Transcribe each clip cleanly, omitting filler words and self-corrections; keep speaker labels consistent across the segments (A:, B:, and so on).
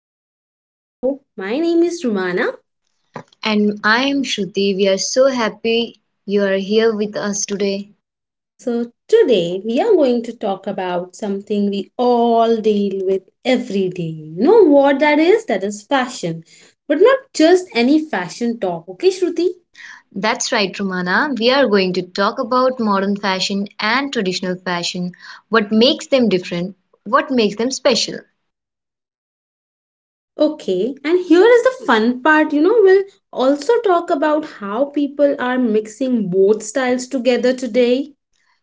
A: Welcome to our show. My name is Rumana.
B: And I am Shruti. We are so happy you are here with us today.
A: So, today we are going to talk about something we all deal with every day. You know what that is? That is fashion. But not just any fashion talk, okay, Shruti?
B: That's right, Rumana. We are going to talk about modern fashion and traditional fashion. What makes them different? What makes them special?
A: Okay, and here is the fun part. We'll also talk about how people are mixing both styles together today.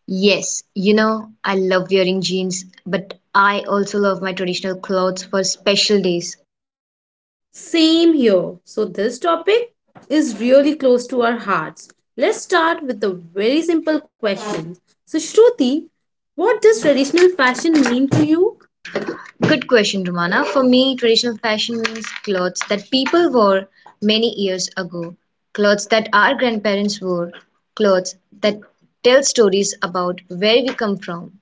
B: Yes, I love wearing jeans, but I also love my traditional clothes for special days.
A: Same here. So, this topic is really close to our hearts. Let's start with a very simple question. So, Shruti, what does traditional fashion mean to you?
B: Good question, Romana. For me, traditional fashion means clothes that people wore many years ago, clothes that our grandparents wore, clothes that tell stories about where we come from.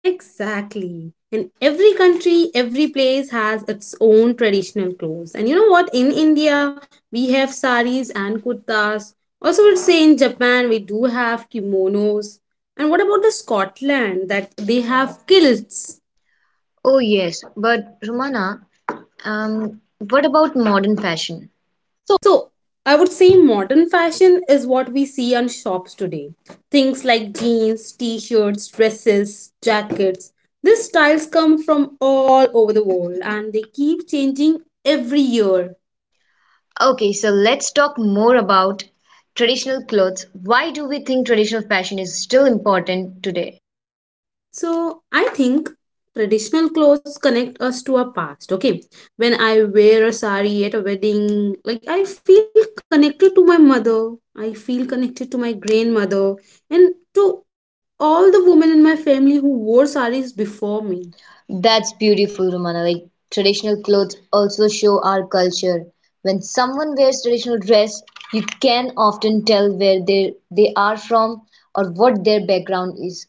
A: Exactly. And every country, every place has its own traditional clothes. And you know what? In India, we have saris and kurtas. Also, let's say in Japan, we do have kimonos. And what about the Scotland that they have kilts?
B: Oh, yes, but Romana, what about modern fashion?
A: So, I would say modern fashion is what we see on shops today. Things like jeans, t shirts, dresses, jackets. These styles come from all over the world and they keep changing every year.
B: Okay, so let's talk more about traditional clothes. Why do we think traditional fashion is still important today?
A: So I think traditional clothes connect us to our past. Okay, when I wear a sari at a wedding, like I feel connected to my mother, I feel connected to my grandmother, and to all the women in my family who wore saris before me.
B: That's beautiful, Romana. Like traditional clothes also show our culture. When someone wears traditional dress, you can often tell where they are from or what their background is.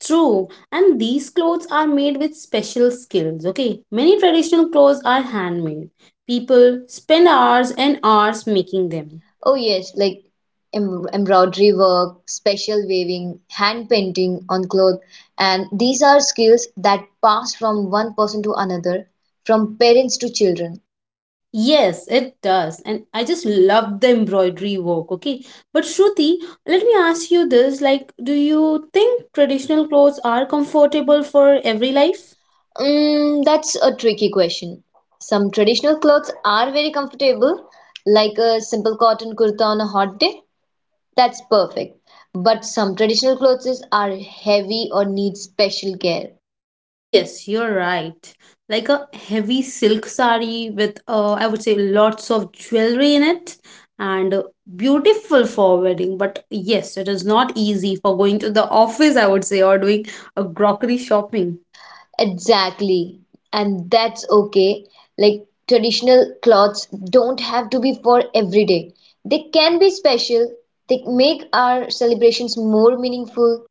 A: True, and these clothes are made with special skills. Okay, many traditional clothes are handmade. People spend hours and hours making them.
B: Oh yes, like embroidery work, special weaving, hand painting on cloth, and these are skills that pass from one person to another, from parents to children.
A: Yes, it does. And I just love the embroidery work, okay? But Shruti, let me ask you this, like do you think traditional clothes are comfortable for every life?
B: Mm, that's a tricky question. Some traditional clothes are very comfortable, like a simple cotton kurta on a hot day. That's perfect. But some traditional clothes are heavy or need special care.
A: Yes, you're right. Like a heavy silk sari with I would say lots of jewelry in it and beautiful for wedding, but yes, it is not easy for going to the office, I would say, or doing a grocery shopping.
B: Exactly. And that's okay. Like traditional clothes don't have to be for every day. They can be special. They make our celebrations more meaningful.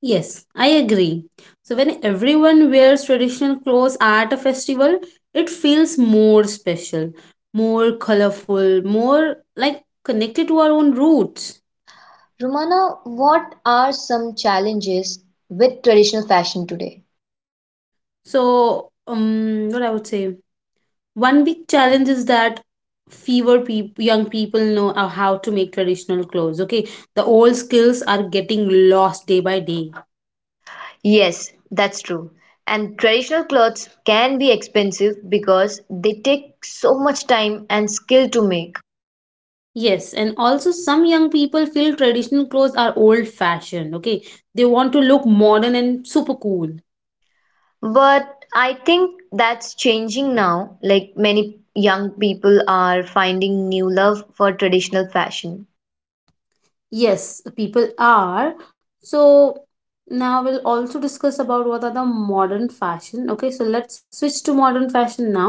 A: Yes, I agree. So when everyone wears traditional clothes at a festival, it feels more special, more colorful, more like connected to our own roots.
B: Romana, what are some challenges with traditional fashion today?
A: So what I would say, one big challenge is that fewer people young people know how to make traditional clothes. Okay, the old skills are getting lost day by day.
B: Yes, that's true. And traditional clothes can be expensive because they take so much time and skill to make.
A: Yes, and also some young people feel traditional clothes are old fashioned, okay? They want to look modern and super cool.
B: But I think that's changing now. Like many young people are finding new love for traditional fashion.
A: Yes, people are. So now we'll also discuss about what are the modern fashion. Okay, so let's switch to modern fashion now.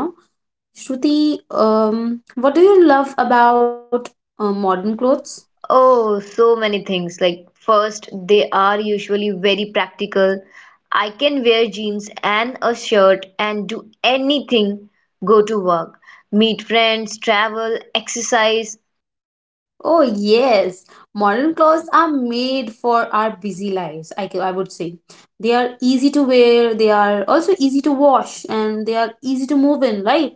A: Shruti, what do you love about modern clothes?
B: Oh, so many things. Like, first, they are usually very practical. I can wear jeans and a shirt and do anything, go to work, meet friends, travel, exercise.
A: Oh, yes. Modern clothes are made for our busy lives, I would say. They are easy to wear, they are also easy to wash, and they are easy to move in, right?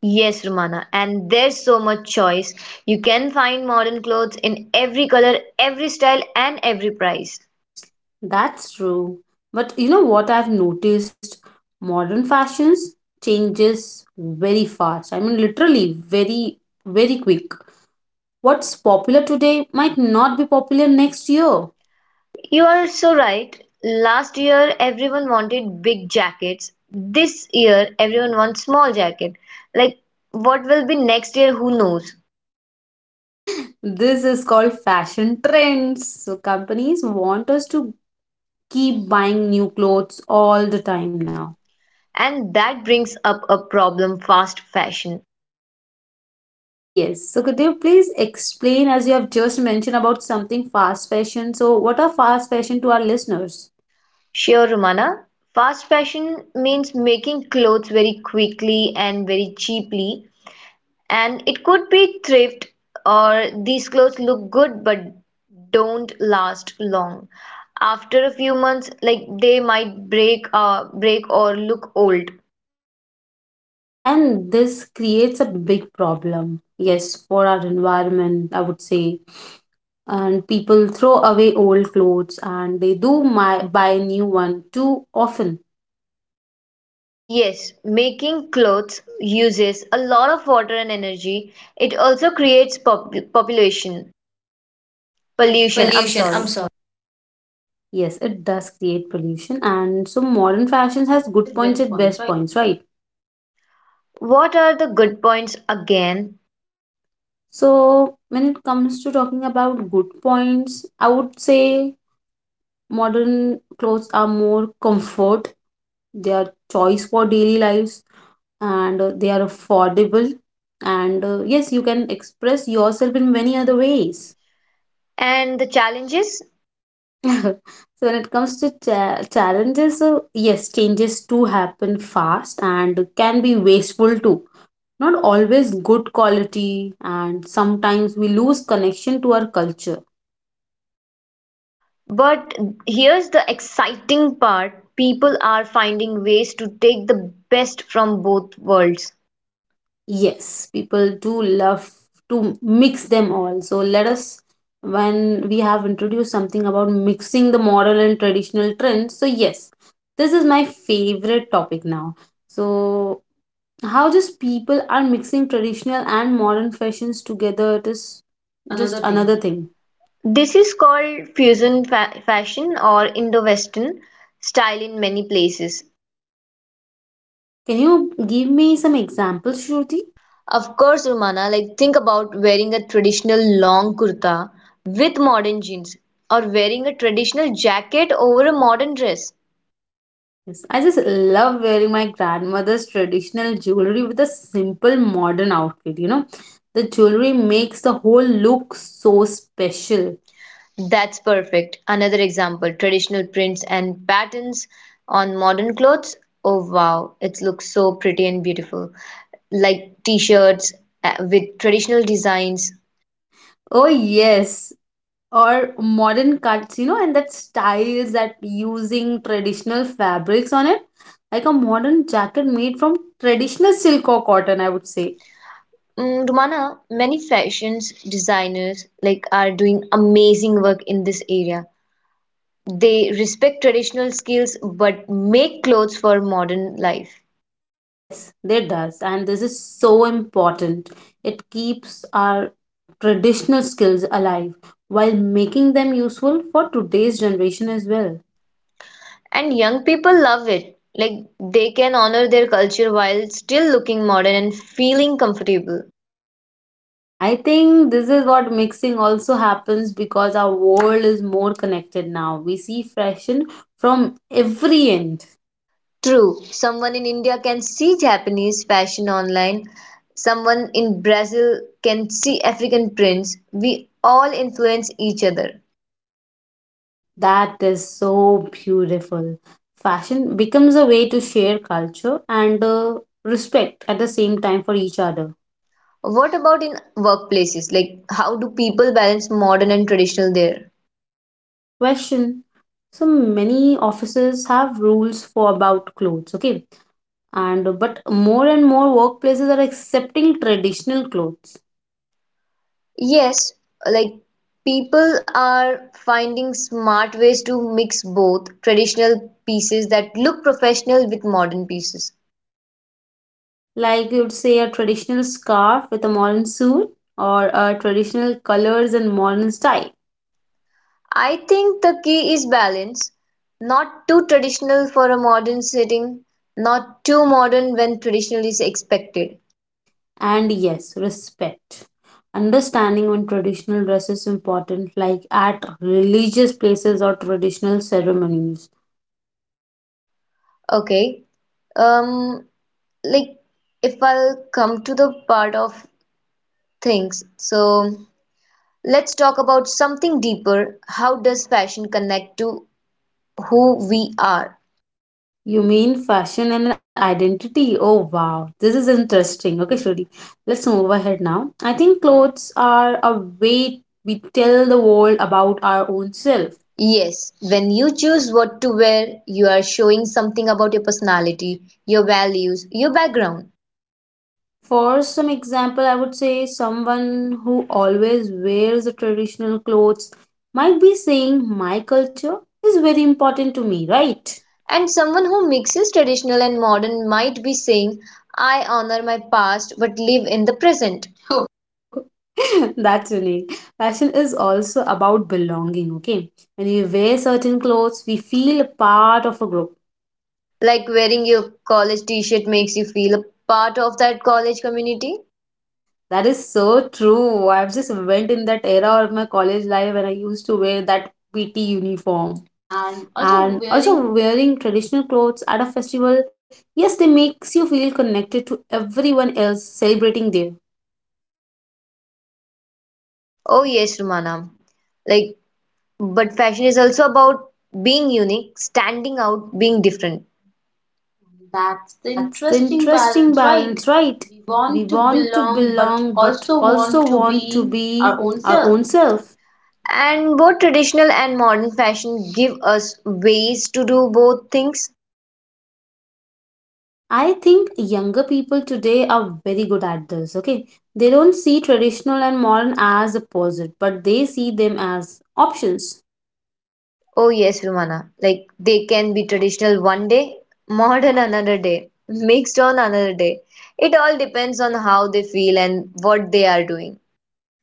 B: Yes, Romana, and there's so much choice. You can find modern clothes in every color, every style, and every price.
A: Nice. That's true. But you know what I've noticed? Modern fashions changes very fast. I mean, literally, very, very quick. What's popular today might not be popular next year.
B: You are so right. Last year, everyone wanted big jackets. This year, everyone wants small jacket. Like, what will be next year? Who knows?
A: This is called fashion trends. So, companies want us to keep buying new clothes all the time now.
B: And that brings up a problem, fast fashion.
A: Yes. So could you please explain as you have just mentioned about something fast fashion. So what are fast fashion to our listeners?
B: Sure, Romana. Fast fashion means making clothes very quickly and very cheaply. And it could be thrift or these clothes look good but don't last long. After a few months, like they might break or look old.
A: And this creates a big problem. Yes, for our environment, I would say. And people throw away old clothes and they buy new one too often.
B: Yes, making clothes uses a lot of water and energy. It also creates pop population pollution, I'm
A: Pollution, I'm, yes,
B: sorry.
A: sorry. Yes, it does create pollution. And so modern fashion has good points and best points, right?
B: What are the good points again
A: So, when it comes to talking about good points, I would say modern clothes are more comfort, they are choice for daily lives, and they are affordable. And yes, you can express yourself in many other ways.
B: and the challenges?
A: So, when it comes to challenges, yes, changes do happen fast and can be wasteful too. Not always good quality, and sometimes we lose connection to our culture.
B: But here's the exciting part, people are finding ways to take the best from both worlds.
A: Yes, people do love to mix them all. So let us, when we have introduced something about mixing the modern and traditional trends. So yes, this is my favorite topic now. So how just people are mixing traditional and modern fashions together. It is
B: Just
A: just
B: another
A: another
B: thing.
A: thing.
B: This is called fusion fashion or Indo-Western style in many places.
A: Can you give me some examples, Shruti?
B: Of course, Romana, like think about wearing a traditional long kurta with modern jeans or wearing a traditional jacket over a modern dress.
A: Yes, I just love wearing my grandmother's traditional jewelry with a simple modern outfit. The jewelry makes the whole look so special.
B: That's perfect. Another example, traditional prints and patterns on modern clothes. Oh wow, it looks so pretty and beautiful. Like t-shirts with traditional designs.
A: Oh yes, or modern cuts, and that styles that using traditional fabrics on it, like a modern jacket made from traditional silk or cotton, I would say.
B: Mm, Rumana, many fashions designers like are doing amazing work in this area. They respect traditional skills but make clothes for modern life.
A: Yes, it does. And this is so important. It keeps our traditional skills alive while making them useful for today's generation as well.
B: And young people love it. Like they can honor their culture while still looking modern and feeling comfortable.
A: I think this is what mixing also happens because our world is more connected now. We see fashion from every end,
B: True, someone in India can see Japanese fashion online, someone in Brazil can see African prints. We all influence each other.
A: and that is so beautiful. Fashion becomes a way to share culture and respect at the same time for each other.
B: What about in workplaces? Like, how do people balance modern and traditional there?
A: Good question. So many offices have rules for about clothes, okay? And but more and more workplaces are accepting traditional clothes.
B: Yes, like people are finding smart ways to mix both traditional pieces that look professional with modern pieces.
A: Like you'd say a traditional scarf with a modern suit or a traditional colors and modern style.
B: I think the key is balance, not too traditional for a modern setting, not too modern when traditional is expected.
A: And yes, respect. Understanding when traditional dress is important, like at religious places or traditional ceremonies.
B: Okay. Um, like if I'll come to the part of things, so let's talk about something deeper. How does fashion connect to who we are?
A: You mean fashion and identity? Oh wow, this is interesting. Okay, Shruti, let's move ahead now. I think clothes are a way we tell the world about our own self.
B: Yes, when you choose what to wear, you are showing something about your personality, your values, your background.
A: For some example, I would say someone who always wears the traditional clothes might be saying, My culture is very important to me, right?
B: And someone who mixes traditional and modern might be saying, I honor my past but live in the present.
A: That's unique. Fashion is also about belonging, okay? When we wear certain clothes, we feel a part of a group.
B: Like wearing your college t shirt makes you feel a part of that college community.
A: That is so true. I've just went in that era of my college life when I used to wear that PT uniform.
B: And also
A: And
B: wearing.
A: also wearing traditional clothes at a festival, yes, they makes you feel connected to everyone else celebrating there.
B: Oh, yes, Romana. Like, but fashion is also about being unique, standing out, being different. That's
A: And
B: the
A: that's the
B: interesting
A: interesting
B: balance, right?
A: balance, right?
B: We
A: We
B: want to
A: want to
B: belong but
A: belong but
B: also want
A: also
B: to
A: want to
B: be our
A: be
B: own
A: our
B: self.
A: own self.
B: And both traditional and modern fashion give us ways to do both things.
A: I think younger people today are very good at this, okay? They don't see traditional and modern as opposite, but they see them as options.
B: Oh yes, Rumana. Like they can be traditional one day, modern another day, mixed on another day. It all depends on how they feel and what they are doing.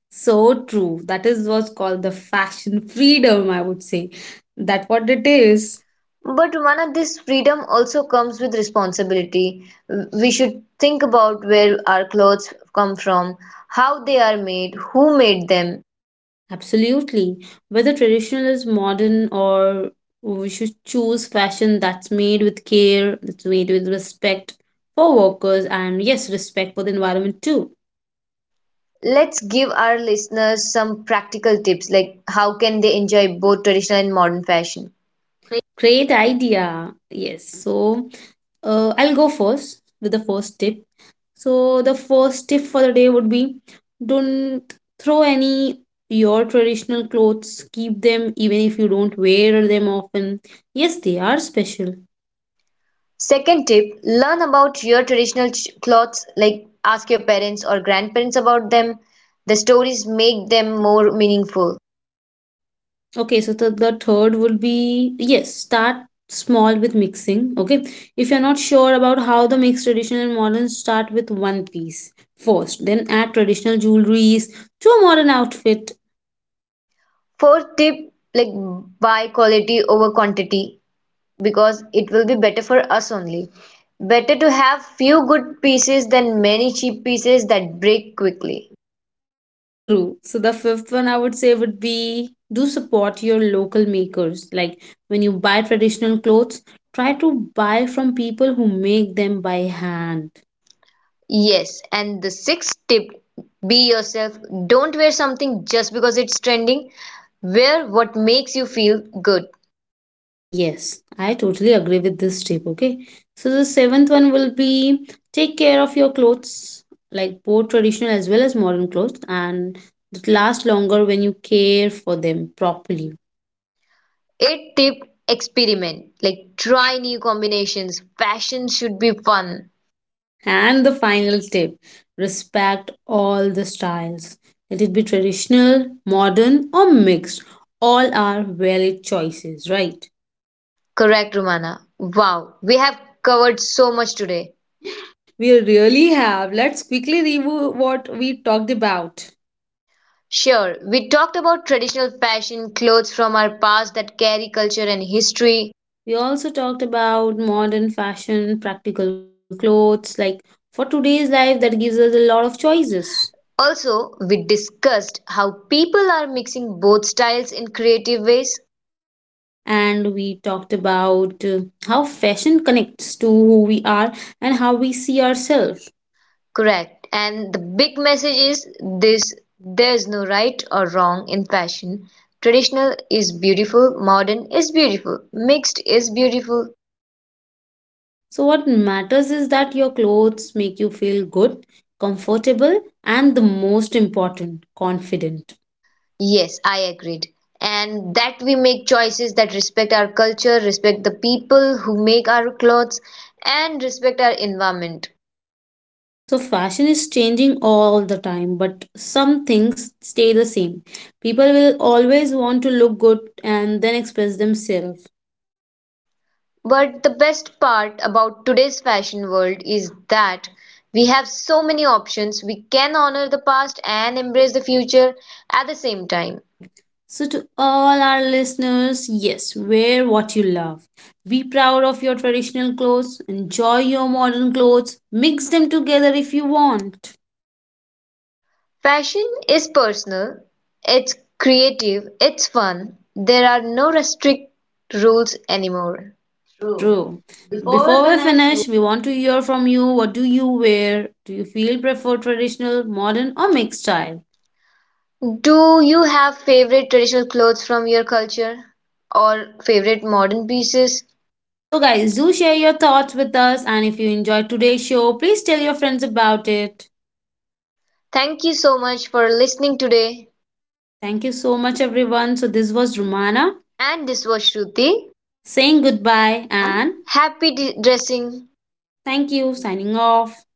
A: So true. That is what's called the fashion freedom, I would say. That what it is.
B: But Rumana, this freedom also comes with responsibility. We should think about where our clothes come from, how they are made, who made them.
A: Absolutely. Whether traditional is modern or we should choose fashion that's made with care, that's made with respect for workers, and yes, respect for the environment too.
B: Let's give our listeners some practical tips like how can they enjoy both traditional and modern fashion.
A: Great idea. Yes. So I'll go first with the first tip. So the first tip for the day would be don't throw any your traditional clothes. Keep them even if you don't wear them often. Yes, they are special.
B: Second tip, learn about your traditional clothes, like ask your parents or grandparents about them. The stories make them more meaningful.
A: Okay, so the third would be yes, start small with mixing. Okay. If you're not sure about how the mix traditional and modern, start with one piece first. Then add traditional jewelries to a modern outfit.
B: Fourth tip, like buy quality over quantity because it will be better for us only. Better to have few good pieces than many cheap pieces that break quickly.
A: True. So the fifth one I would say would be do support your local makers. Like when you buy traditional clothes, try to buy from people who make them by hand.
B: Yes, and the sixth tip, be yourself. Don't wear something just because it's trending. Wear what makes you feel good.
A: Yes, I totally agree with this tip. Okay. So the seventh one will be take care of your clothes, like both traditional as well as modern clothes, and it lasts longer when you care for them properly.
B: Eighth tip, experiment. Like try new combinations. Fashion should be fun.
A: And the final tip respect all the styles. Let it be traditional, modern, or mixed. All are valid choices, right?
B: Correct, Romana. Wow, we have covered so much today.
A: We really have. Let's quickly review what we talked about.
B: Sure, we talked about traditional fashion, clothes from our past that carry culture and history.
A: Great. We also talked about modern fashion, practical clothes, like for today's life, that gives us a lot of choices.
B: Also, we discussed how people are mixing both styles in creative ways.
A: And we talked about how fashion connects to who we are and how we see ourselves.
B: Correct. And the big message is this: there's no right or wrong in fashion. Traditional is beautiful, modern is beautiful, mixed is beautiful.
A: So, what matters is that your clothes make you feel good, comfortable, and the most important, confident.
B: Yes, I agreed. And that we make choices that respect our culture, respect the people who make our clothes, and respect our environment.
A: So, fashion is changing all the time, but some things stay the same. People will always want to look good and then express themselves.
B: But the best part about today's fashion world is that we have so many options. We can honor the past and embrace the future at the same time.
A: Right. So, to all our listeners, yes, wear what you love. Be proud of your traditional clothes, enjoy your modern clothes, mix them together if you want.
B: Fashion is personal, it's creative, it's fun, there are no strict rules anymore. True.
A: True.
B: Before we
A: Before we
B: finish, we—
A: finish, we want to hear from you. What do you wear? Do you feel prefer traditional, modern, or mixed style?
B: Do you have favorite traditional clothes from your culture or favorite modern pieces?
A: So, guys, do share your thoughts with us. And if you enjoyed today's show, please tell your friends about it.
B: Thank you so much for listening today.
A: Thank you so much, everyone. So, this was Romana
B: And this was Shruti.
A: saying goodbye
B: Can—
A: and
B: Happy dressing.
A: thank you, signing off.